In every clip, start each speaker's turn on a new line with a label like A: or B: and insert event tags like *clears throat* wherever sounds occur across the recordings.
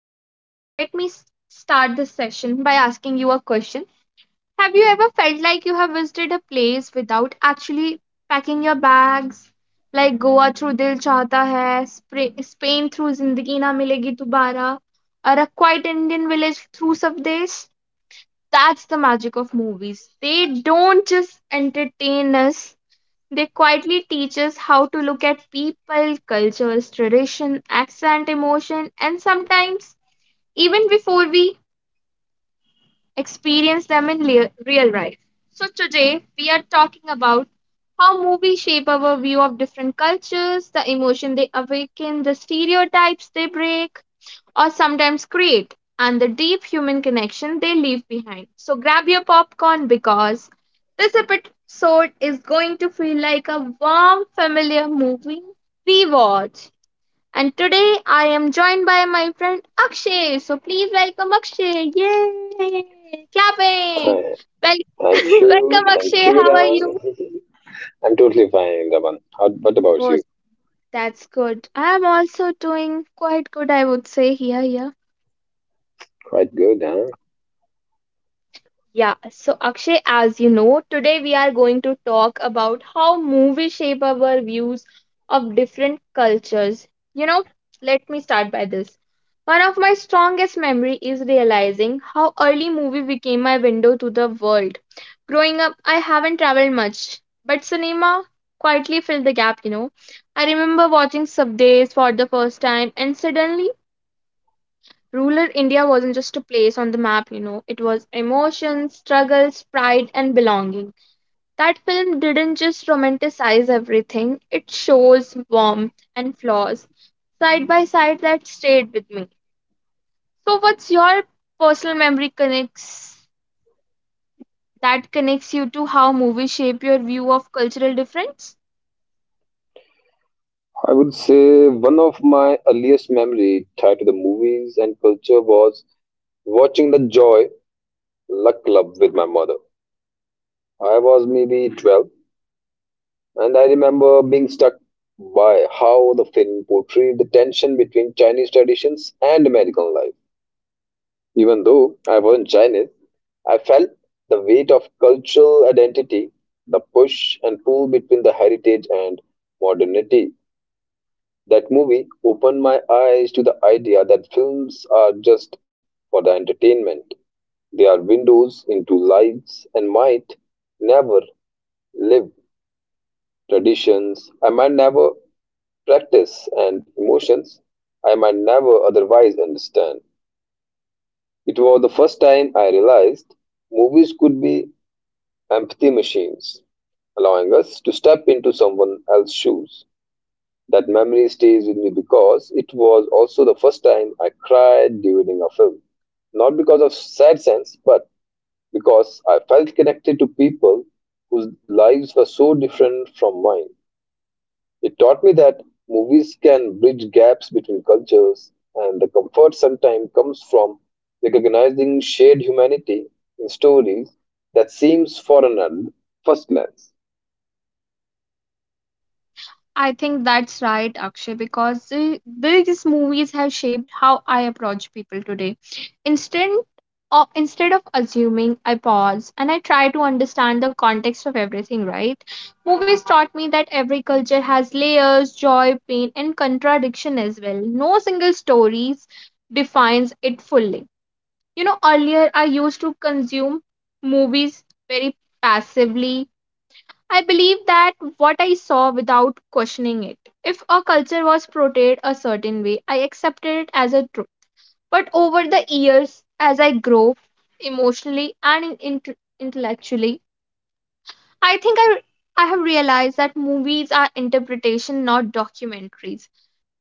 A: So, guys, let me start this session by asking you a question. Have you ever felt like you have visited a place without actually packing your bags? Like Goa through Dil Chahta Hai, Spain through Zindagi Na Milegi Dobara, or a quiet Indian village through Savdes? That's the magic of movies. They don't just entertain us, they quietly teach us how to look at people, cultures, tradition, accent, emotion, and sometimes even before we experience them in real life. So, today we are talking about how movies shape our view of different cultures, the emotion they awaken, the stereotypes they break or sometimes create, and the deep human connection they leave behind. So, grab your popcorn because this episode is going to feel like a warm, familiar movie rewatch. And today I am joined by my friend Akshay. So please welcome Akshay. Yay! Clapping.
B: Th-
A: Well, *laughs*
B: Thank you,
A: welcome Akshay. How are you?
B: Raman. *laughs* I'm totally fine, Raman. What about
A: Oh,
B: you?
A: that's good. I'm also doing quite good, I would say. Yeah, yeah.
B: Quite good, huh?
A: Yeah, so Akshay, as you know, today we are going to talk about how movies shape our views of different cultures. You know, let me start by this. One of my strongest memory is realizing how early movie became my window to the world. Growing up, I haven't traveled much, but cinema quietly filled the gap. I remember watching Sabdes for the first time and suddenly Rural India wasn't just a place on the map, you know, it was emotions, struggles, pride, and belonging. That film didn't just romanticize everything, it shows warmth and flaws side by side that stayed with me. So, what's your personal memory connects that connects you to how movies shape your view of cultural difference?
B: I would say one of my earliest memory tied to the movies and culture was watching the Joy Luck Club with my mother. I was maybe 12, and I remember being struck by how the film portrayed the tension between Chinese traditions and American life. Even though I wasn't Chinese, I felt the weight of cultural identity, the push and pull between the heritage and modernity. That movie opened my eyes to the idea that films are just for the entertainment. They are windows into lives and might never live traditions. I might never practice and emotions I might never otherwise understand. It was the first time I realized movies could be empathy machines, allowing us to step into someone else's shoes. That memory stays with me because it was also the first time I cried during a film. Not because of sad sense, but because I felt connected to people whose lives were so different from mine. It taught me that movies can bridge gaps between cultures, and the comfort sometimes comes from recognizing shared humanity in stories that seems foreign at first glance.
A: I think that's right, Akshay, because these movies have shaped how I approach people today. Instead, instead of assuming, I pause and I try to understand the context of everything, right? Movies taught me that every culture has layers, joy, pain, and contradiction as well. No single story defines it fully. You know, earlier I used to consume movies very passively. I believe that what I saw without questioning it. If a culture was portrayed a certain way, I accepted it as a truth. But over the years, as I grow emotionally and intellectually, I think I have realized that movies are interpretation, not documentaries.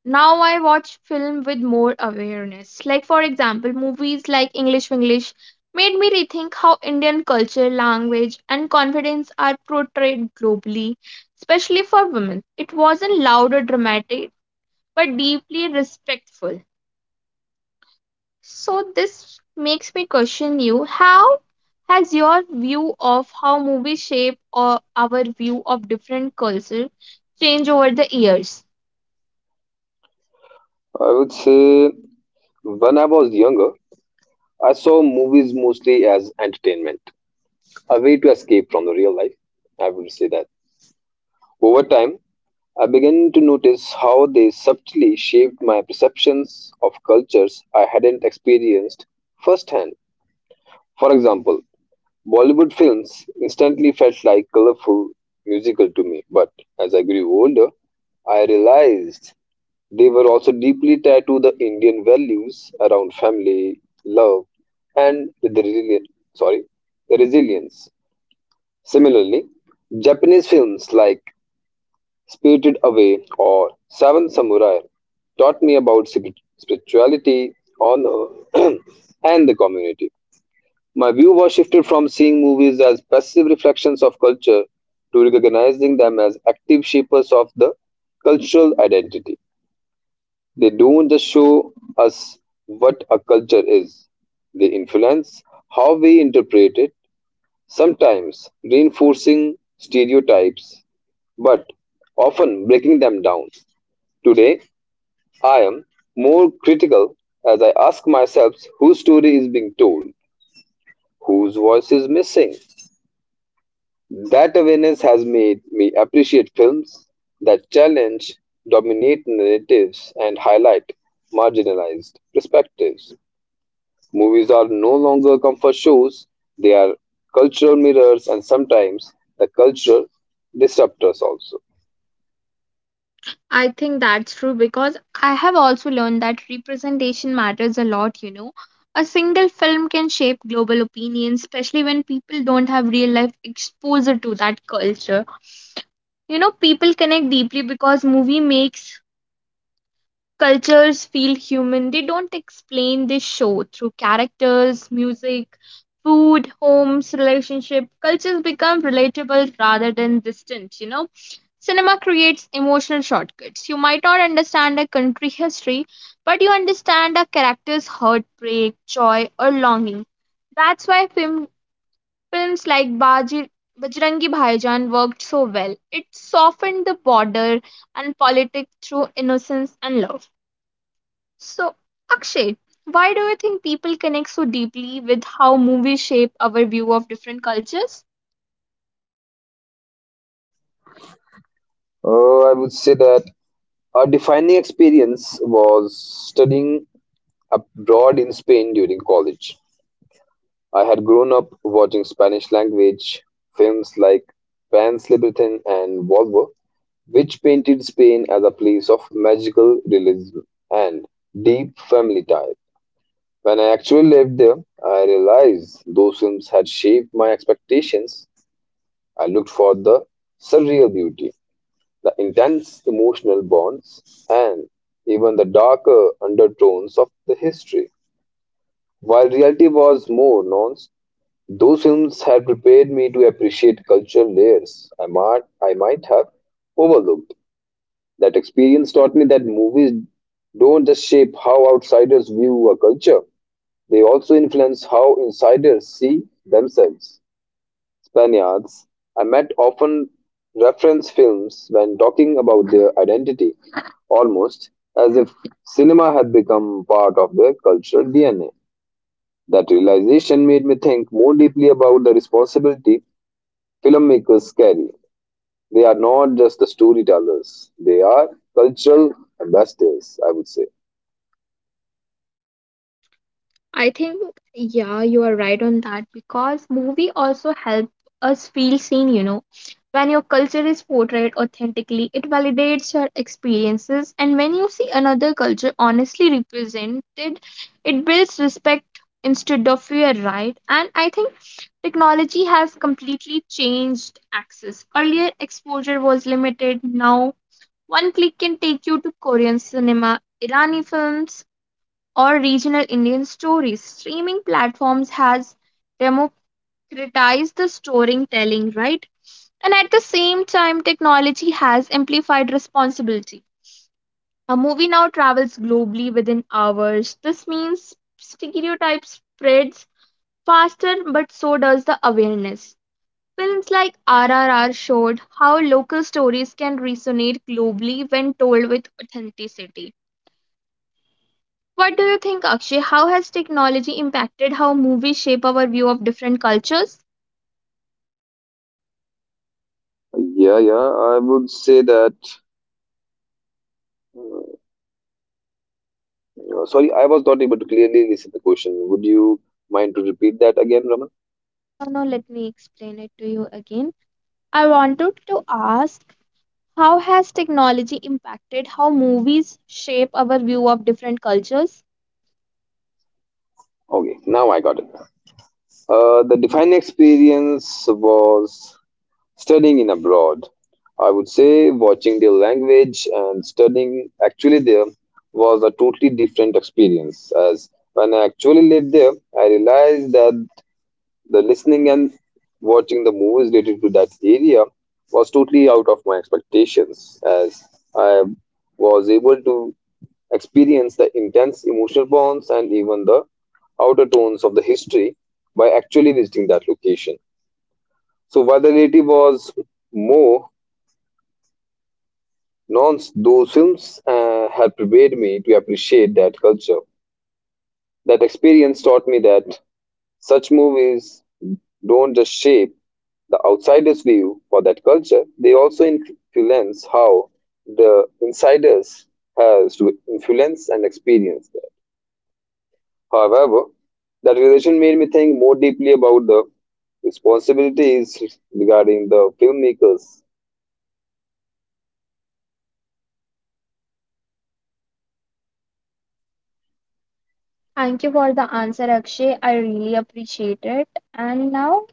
A: Now I watch film with more awareness. Like for example, movies like English made me rethink how Indian culture, language, and confidence are portrayed globally, especially for women. It wasn't loud or dramatic, but deeply respectful. So this makes me question you, how has your view of how movies shape or our view of different culture changed over the years?
B: I would say when I was younger, I saw movies mostly as entertainment, a way to escape from the real life. I would say that. Over time, I began to notice how they subtly shaped my perceptions of cultures I hadn't experienced firsthand. For example, Bollywood films instantly felt like colorful musical to me, but as I grew older, I realized they were also deeply tied to the Indian values around family, love, and the resilient, sorry, the resilience. Similarly, Japanese films like Spirited Away or Seven Samurai taught me about spirituality, honor, *clears throat* and the community. My view was shifted from seeing movies as passive reflections of culture to recognizing them as active shapers of the cultural identity. They don't just show us what a culture is, they influence how we interpret it, sometimes reinforcing stereotypes, but often breaking them down. Today, I am more critical as I ask myself whose story is being told, whose voice is missing. That awareness has made me appreciate films that challenge dominant narratives and highlight marginalized perspectives. Movies are no longer comfort shows, they are cultural mirrors and sometimes the cultural disruptors also.
A: I think that's true because I have also learned that representation matters a lot, you know. A single film can shape global opinion, especially when people don't have real life exposure to that culture. You know, people connect deeply because movie makes cultures feel human. They don't explain, they show through characters, music, food, homes, relationship. Cultures become relatable rather than distant, you know. Cinema creates emotional shortcuts. You might not understand a country history, but you understand a character's heartbreak, joy, or longing. That's why films like Baji, Bajrangi Bhaijan worked so well. It softened the border and politics through innocence and love. So, Akshay, why do you think people connect so deeply with how movies shape our view of different cultures?
B: I would say that a defining experience was studying abroad in Spain during college. I had grown up watching Spanish language films like Pan's Labyrinth and Volvo, which painted Spain as a place of magical realism and deep family ties. When I actually lived there, I realized those films had shaped my expectations. I looked for the surreal beauty, the intense emotional bonds, and even the darker undertones of the history. While reality was more nuanced, those films had prepared me to appreciate cultural layers I might have overlooked. That experience taught me that movies don't just shape how outsiders view a culture, they also influence how insiders see themselves. Spaniards I met often reference films when talking about their identity, almost as if cinema had become part of their cultural DNA. That realization made me think more deeply about the responsibility filmmakers carry. They are not just the storytellers, they are cultural ambassadors, I would say.
A: I think, yeah, you are right on that because movie also help us feel seen, you know. When your culture is portrayed authentically, it validates your experiences, and when you see another culture honestly represented, it builds respect instead of fear, right? And I think technology has completely changed access. Earlier, exposure was limited, now, one click can take you to Korean cinema, Irani films or regional Indian stories. Streaming platforms has democratized the storytelling, right? And at the same time, technology has amplified responsibility. A movie now travels globally within hours. This means stereotypes spreads faster, but so does the awareness. Films like RRR showed how local stories can resonate globally when told with authenticity. What do you think, Akshay? How has technology impacted how movies shape our view of different cultures?
B: Yeah, yeah, I would say that. Sorry I was not able to clearly listen the question. Would you mind to repeat that again, Raman?
A: No, no, let me explain it to you again. I wanted to ask, how has technology impacted how movies shape our view of different cultures?
B: Okay, now I got it. The defining experience was studying in abroad. I would say watching their language and studying actually there was a totally different experience. As when I actually lived there, I realized that the listening and watching the movies related to that area was totally out of my expectations. As I was able to experience the intense emotional bonds and even the outer tones of the history by actually visiting that location. So while the relative was more nonce, those films had prepared me to appreciate that culture. That experience taught me that such movies don't just shape the outsider's view for that culture, they also influence how the insiders has to influence and experience them. However, that realization made me think more deeply about the responsibilities regarding the filmmakers.
A: Thank you for the answer, Akshay. I really appreciate it. And now,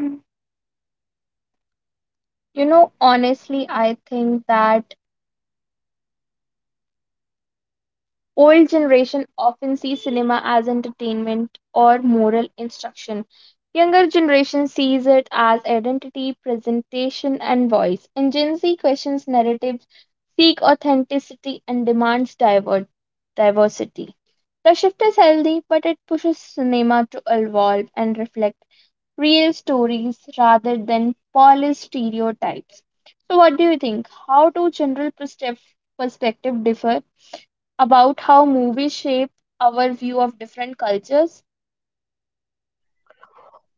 A: you know, honestly, I think that old generation often see cinema as entertainment or moral instruction. Younger generation sees it as identity, presentation and voice. And Gen Z questions narratives, seek authenticity and demands diversity. The shift is healthy, but it pushes cinema to evolve and reflect real stories rather than polished stereotypes. So what do you think? How do general perspective differ about how movies shape our view of different cultures?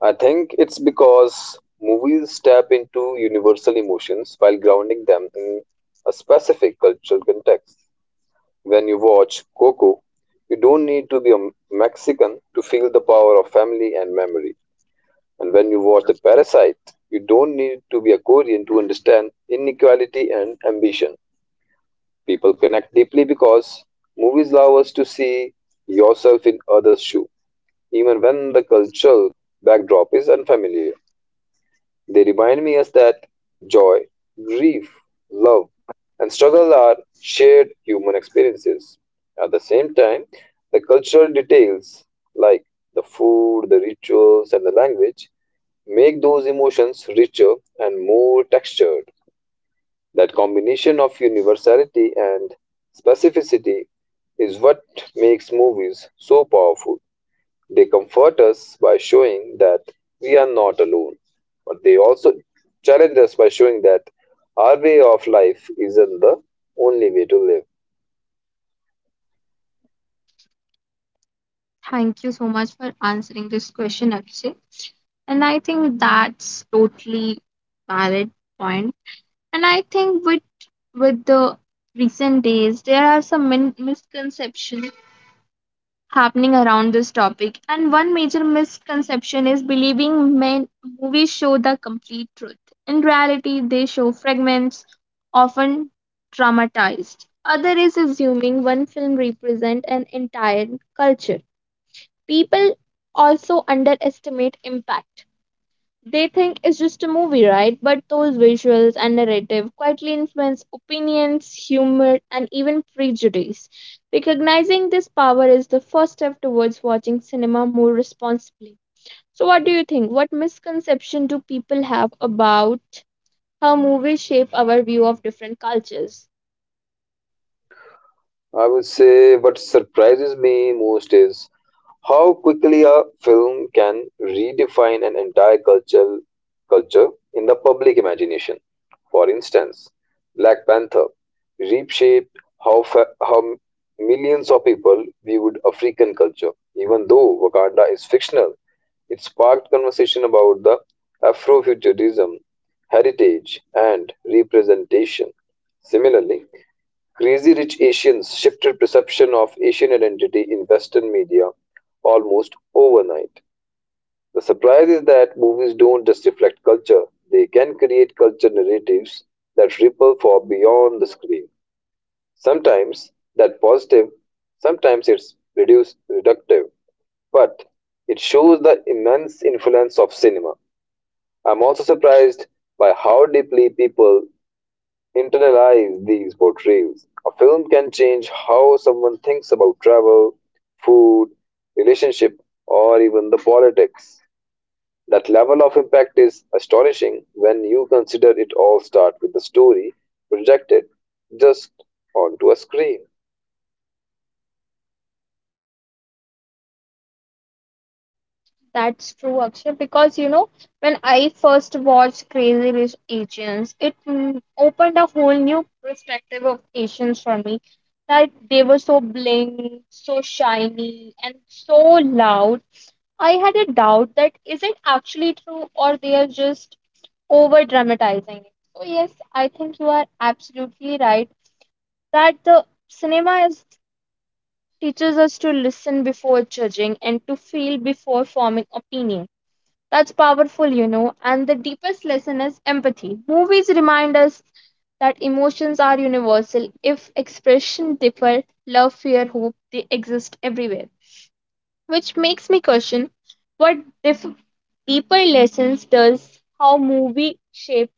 B: I think it's because movies tap into universal emotions while grounding them in a specific cultural context. When you watch Coco, you don't need to be a Mexican to feel the power of family and memory. And when you watch The Parasite, you don't need to be a Korean to understand inequality and ambition. People connect deeply because movies allow us to see yourself in others' shoe, even when the cultural backdrop is unfamiliar. They remind me us that joy, grief, love, and struggle are shared human experiences. At the same time, the cultural details like the food, the rituals, and the language make those emotions richer and more textured. That combination of universality and specificity is what makes movies so powerful. They comfort us by showing that we are not alone, but they also challenge us by showing that our way of life isn't the only way to live.
A: Thank you so much for answering this question, Akshay. And I think that's totally valid point. And I think with the recent days, there are some misconceptions happening around this topic. And one major misconception is believing men movies show the complete truth. In reality, they show fragments, often traumatized. Other is assuming one film represents an entire culture. People also underestimate impact. They think it's just a movie, right? But those visuals and narrative quietly influence opinions, humor, and even prejudice. Recognizing this power is the first step towards watching cinema more responsibly. So, what do you think? What misconception do people have about how movies shape our view of different cultures?
B: I would say what surprises me most is how quickly a film can redefine an entire culture in the public imagination. For instance, Black Panther reshaped how millions of people viewed African culture. Even though Wakanda is fictional, it sparked conversation about the Afrofuturism, heritage, and representation. Similarly, Crazy Rich Asians shifted perception of Asian identity in Western media almost overnight. The surprise is that movies don't just reflect culture, they can create culture narratives that ripple far beyond the screen. Sometimes that positive, sometimes it's reduced reductive, but it shows the immense influence of cinema. I'm also surprised by how deeply people internalize these portrayals. A film can change how someone thinks about travel, food, relationship, or even the politics. That level of impact is astonishing when you consider it all start with the story projected just onto a screen.
A: That's true, Akshay, because you know, when I first watched Crazy Rich Asians, it opened a whole new perspective of Asians for me. Like they were so bling, so shiny, and so loud. I had a doubt that is it actually true or they are just over dramatizing it. So, yes, I think you are absolutely right that teaches us to listen before judging and to feel before forming opinions. That's powerful, you know. And the deepest lesson is empathy. Movies remind us that emotions are universal. If expression differ, love, fear, hope, they exist everywhere. Which makes me question, what dif- deeper lessons does how movie shape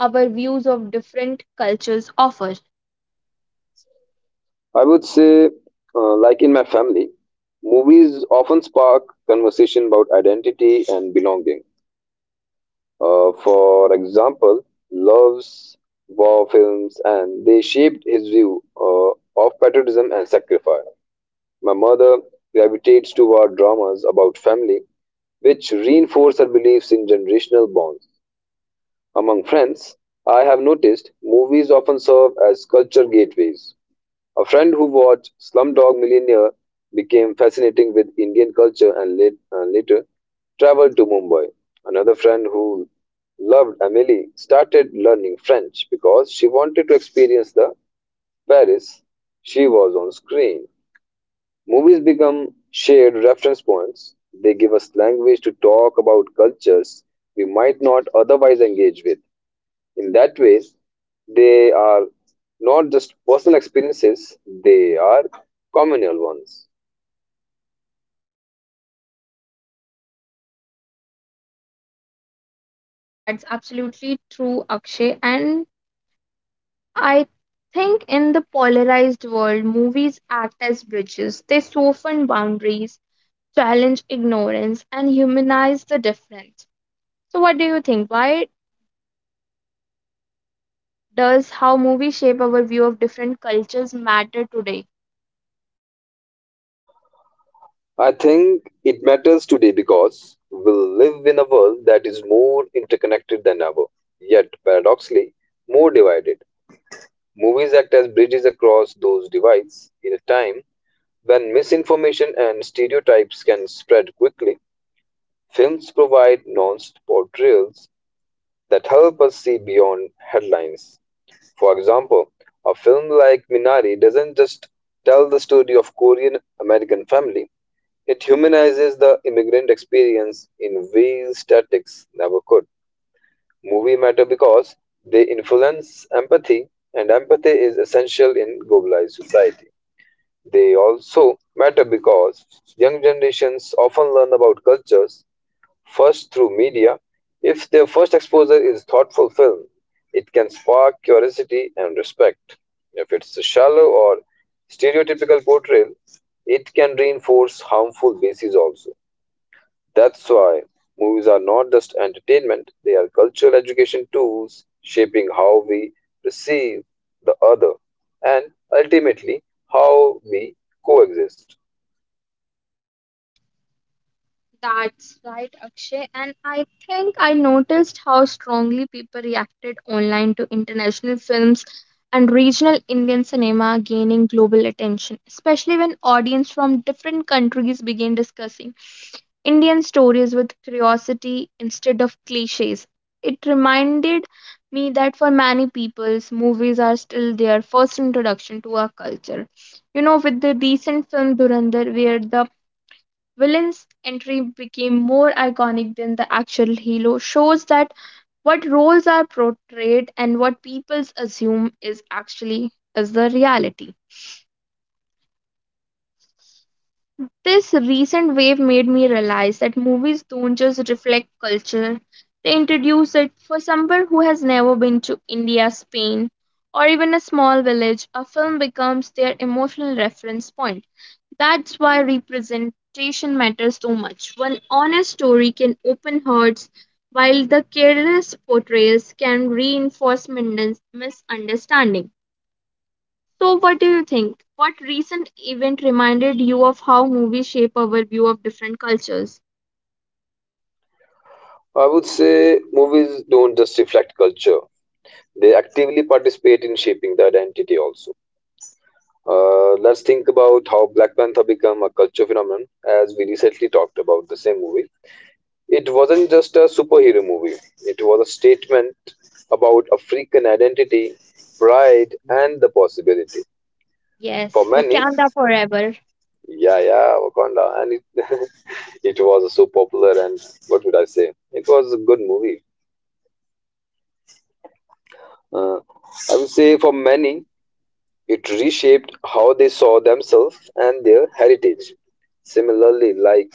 A: our views of different cultures offer?
B: I would say, like in my family, movies often spark conversation about identity and belonging. For example, loves war films, and they shaped his view of patriotism and sacrifice. My mother gravitates toward dramas about family, which reinforce her beliefs in generational bonds. Among friends, I have noticed movies often serve as culture gateways. A friend who watched Slumdog Millionaire became fascinated with Indian culture and later traveled to Mumbai. Another friend who loved Amelie started learning French because she wanted to experience the Paris she was on screen. Movies become shared reference points. They give us language to talk about cultures we might not otherwise engage with. In that ways they are not just personal experiences, they are communal ones.
A: That's absolutely true, Akshay. And I think in the polarized world, movies act as bridges. They soften boundaries, challenge ignorance, and humanize the difference. So, what do you think? Why does how movies shape our view of different cultures matter today?
B: I think it matters today because we live in a world that is more interconnected than ever, yet paradoxically more divided. Movies act as bridges across those divides. In a time when misinformation and stereotypes can spread quickly, films provide nuanced portrayals that help us see beyond headlines. For example, a film like Minari doesn't just tell the story of Korean American family. It humanizes the immigrant experience in ways statics never could. Movie matter because they influence empathy, and empathy is essential in globalized society. They also matter because young generations often learn about cultures first, through media. If their first exposure is thoughtful film, it can spark curiosity and respect. If it's a shallow or stereotypical portrayal, it can reinforce harmful bases also. That's why movies are not just entertainment, they are cultural education tools shaping how we perceive the other and ultimately how we coexist.
A: That's right, Akshay. And I think I noticed how strongly people reacted online to international films and regional Indian cinema gaining global attention, especially when audience from different countries began discussing Indian stories with curiosity instead of cliches. It reminded me that for many peoples, movies are still their first introduction to our culture. You know, with the recent film Durandar, where the villain's entry became more iconic than the actual hero, shows that what roles are portrayed and what peoples assume is actually is the reality. This recent wave made me realize that movies don't just reflect culture, they introduce it. For someone who has never been to India, Spain, or even a small village, a film becomes their emotional reference point. That's why representation matters so much. One honest story can open hearts, while the careless portrayals can reinforce misunderstanding. So, what do you think? What recent event reminded you of how movies shape our view of different cultures?
B: I would say movies don't just reflect culture, they actively participate in shaping the identity also. Let's think about how Black Panther became a culture phenomenon. As we recently talked about the same movie, it wasn't just a superhero movie, it was a statement about African identity, pride, and the possibility for
A: Yes,
B: many.
A: Wakanda Forever.
B: Yeah, yeah, Wakanda. And it, *laughs* it was so popular. And what would I say, it was a good movie. Uh, i would say for many it reshaped how they saw themselves and their heritage. Similarly, like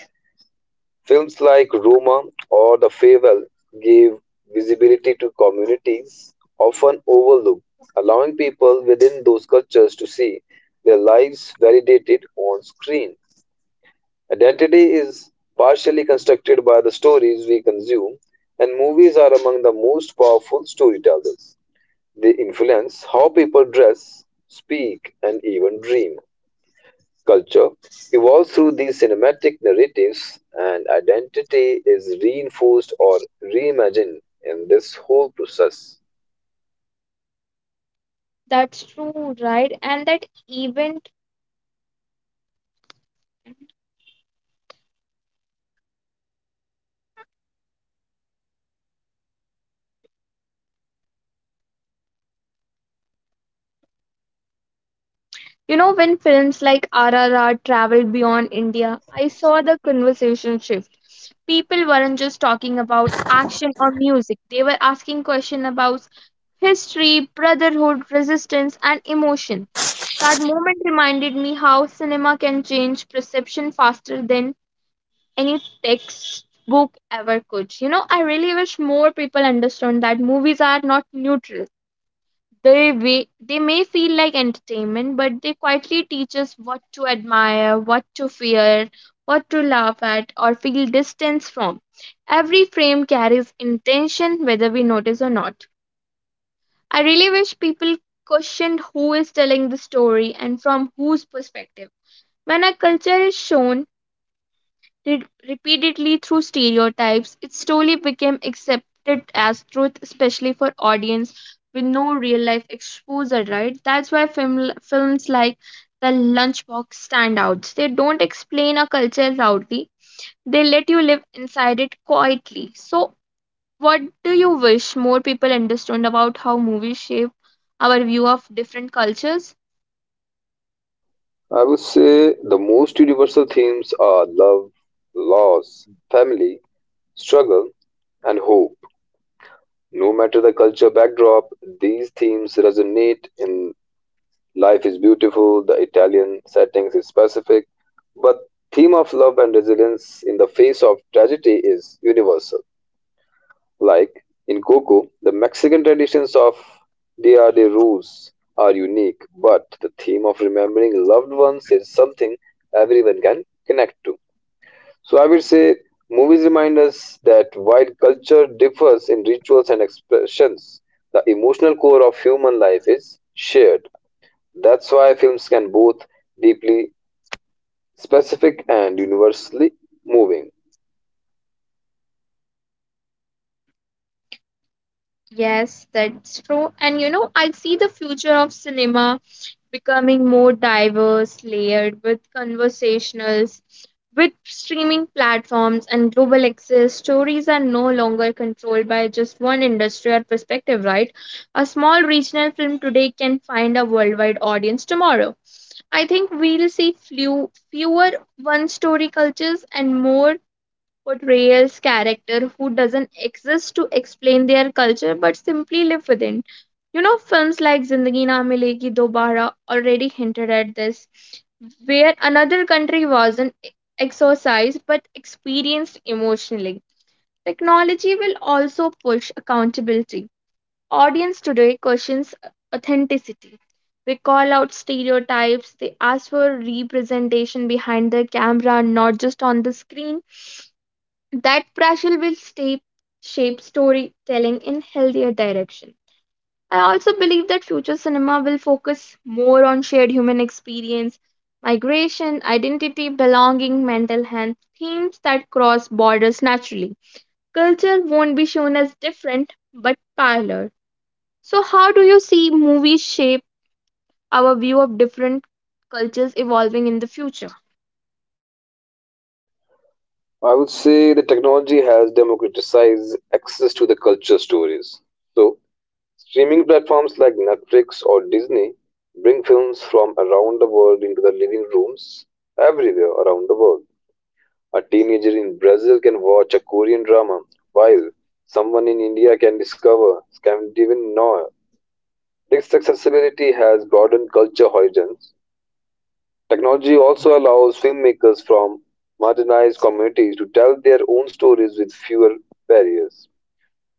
B: films like Roma or The Farewell gave visibility to communities often overlooked, allowing people within those cultures to see their lives validated on screen. Identity is partially constructed by the stories we consume, and movies are among the most powerful storytellers. They influence how people dress, speak, and even dream. Culture evolves through these cinematic narratives, and identity is reinforced or reimagined in this whole process.
A: That's true, right? And that event, you know, when films like RRR traveled beyond India, I saw the conversation shift. People weren't just talking about action or music, they were asking questions about history, brotherhood, resistance, and emotion. That moment reminded me how cinema can change perception faster than any textbook ever could. You know, I really wish more people understood that movies are not neutral. They may feel like entertainment, but they quietly teach us what to admire, what to fear, what to laugh at, or feel distance from. Every frame carries intention, whether we notice or not. I really wish people questioned who is telling the story and from whose perspective. When a culture is shown repeatedly through stereotypes, it slowly became accepted as truth, especially for audience with no real life exposure, right? That's why films like The Lunchbox stand out. They don't explain a culture loudly, they let you live inside it quietly. So, what do you wish more people understood about how movies shape our view of different cultures?
B: I would say the most universal themes are love, loss, family, struggle, and hope. No matter the culture backdrop, these themes resonate in Life is Beautiful, the Italian settings is specific, but theme of love and resilience in the face of tragedy is universal. Like in Coco, the Mexican traditions of Dia de Rose are unique, but the theme of remembering loved ones is something everyone can connect to. So I would say movies remind us that while culture differs in rituals and expressions, the emotional core of human life is shared. That's why films can both deeply specific and universally moving.
A: Yes, that's true. And you know, I see the future of cinema becoming more diverse, layered with conversationals. With streaming platforms and global access, stories are no longer controlled by just one industry or perspective, right? A small regional film today can find a worldwide audience tomorrow. I think we'll see fewer one story cultures and more portrays character who doesn't exist to explain their culture but simply live within. You know, films like Zindagi Na Milegi Dobara already hinted at this, where another country wasn't e-, exorcised but experienced emotionally. Technology will also push accountability. Audience today questions authenticity. They call out stereotypes, they ask for representation behind the camera, not just on the screen, that pressure will stay, shape storytelling in healthier direction. I also believe that future cinema will focus more on shared human experience, migration, identity, belonging, mental health, themes that cross borders naturally. Culture won't be shown as different but parallel. So, how do you see movies shape our view of different cultures evolving in the future?
B: I would say the technology has democratized access to the culture stories. So, streaming platforms like Netflix or Disney bring films from around the world into the living rooms everywhere around the world. A teenager in Brazil can watch a Korean drama, while someone in India can discover Scandinavian noir. This accessibility has broadened culture horizons. Technology also allows filmmakers from marginalized communities to tell their own stories with fewer barriers.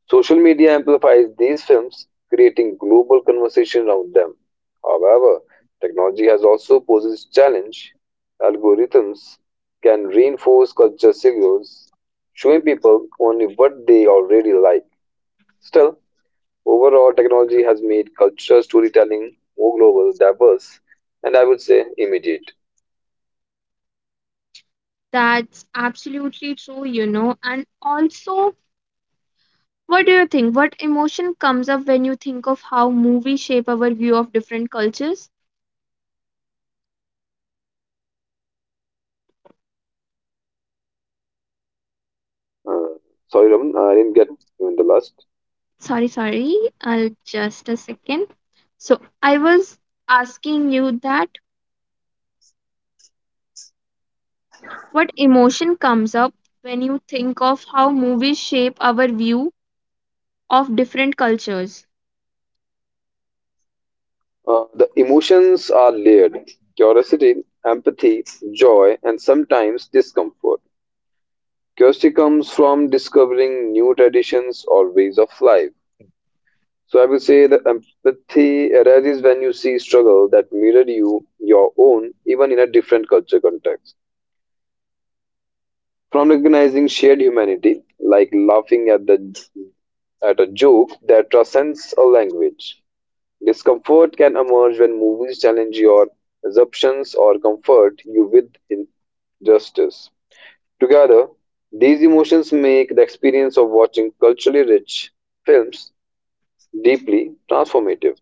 B: Social media amplifies these films, creating global conversation around them. However, technology has also posed its challenge. Algorithms can reinforce culture signals, showing people only what they already like. Still, overall, technology has made culture storytelling more global, diverse, and I would say immediate.
A: That's absolutely true, you know, and also, what do you think? What emotion comes up when you think of how movies shape our view of different cultures?
B: Uh, sorry, Raman, I didn't get even the last.
A: Sorry, sorry. I'll just a second. So, I was asking you that what emotion comes up when you think of how movies shape our view of different cultures?
B: The emotions are layered: curiosity, empathy, joy, and sometimes discomfort. Curiosity comes from discovering new traditions or ways of life. So I will say that empathy arises when you see struggle that mirror you, your own, even in a different culture context. From recognizing shared humanity, like laughing at the at a joke that transcends a language. Discomfort can emerge when movies challenge your assumptions or comfort you with injustice. Together, these emotions make the experience of watching culturally rich films deeply transformative.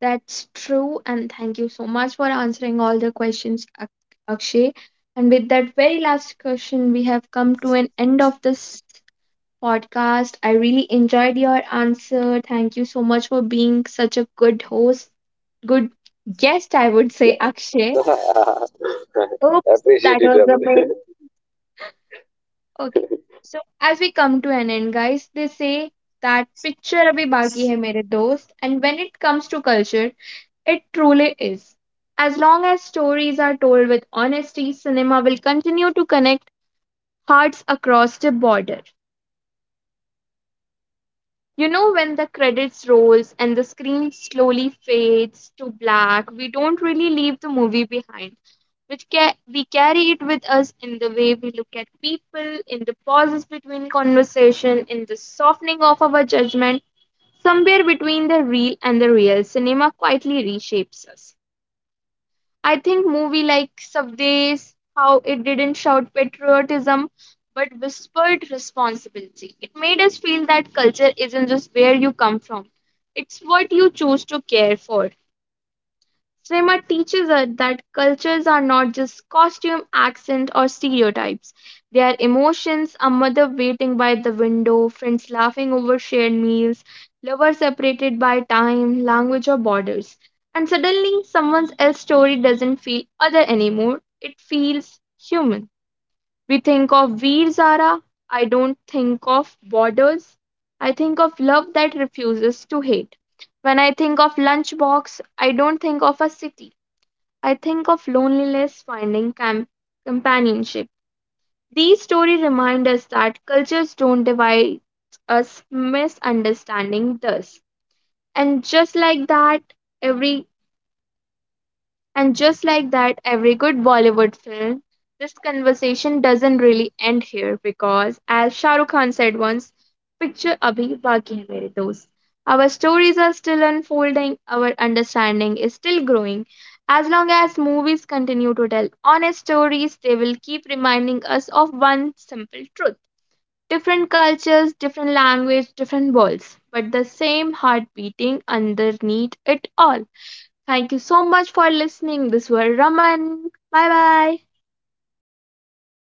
A: That's true, and thank you so much for answering all the questions, Akshay. And with that very last question, we have come to an end of this podcast. I really enjoyed your answer. Thank you so much for being such a good guest, I would
B: Yeah.
A: say, Akshay.
B: *laughs*
A: Oops, that
B: Appreciate it,
A: was a
B: Raman.
A: mail. Okay. So, as we come to an end, guys, they say that picture abhi baki hai mere dost. And when it comes to culture, it truly is. As long as stories are told with honesty, cinema will continue to connect hearts across the border. You know, when the credits rolls and the screen slowly fades to black, we don't really leave the movie behind. We carry it with us in the way we look at people, in the pauses between conversation, in the softening of our judgment. Somewhere between the real and the real, cinema quietly reshapes us. I think movie like Subways, how it didn't shout patriotism but whispered responsibility. It made us feel that culture isn't just where you come from. It's what you choose to care for. Cinema teaches us that cultures are not just costume, accent, or stereotypes. They are emotions, a mother waiting by the window, friends laughing over shared meals, lovers separated by time, language, or borders. And suddenly, someone else's story doesn't feel other anymore. It feels human. We think of Veer Zara. I don't think of borders. I think of love that refuses to hate. When I think of Lunchbox, I don't think of a city. I think of loneliness finding companionship. These stories remind us that cultures don't divide us, misunderstanding does. And just like that, every and just like that, every good Bollywood film, this conversation doesn't really end here because, as Shah Rukh Khan said once, picture abhi baki hai mere dost. Our stories are still unfolding, our understanding is still growing. As long as movies continue to tell honest stories, they will keep reminding us of one simple truth. Different cultures, different language, different worlds, but the same heart beating underneath it all. Thank you so much for listening. This was Raman. Bye bye.
B: *laughs*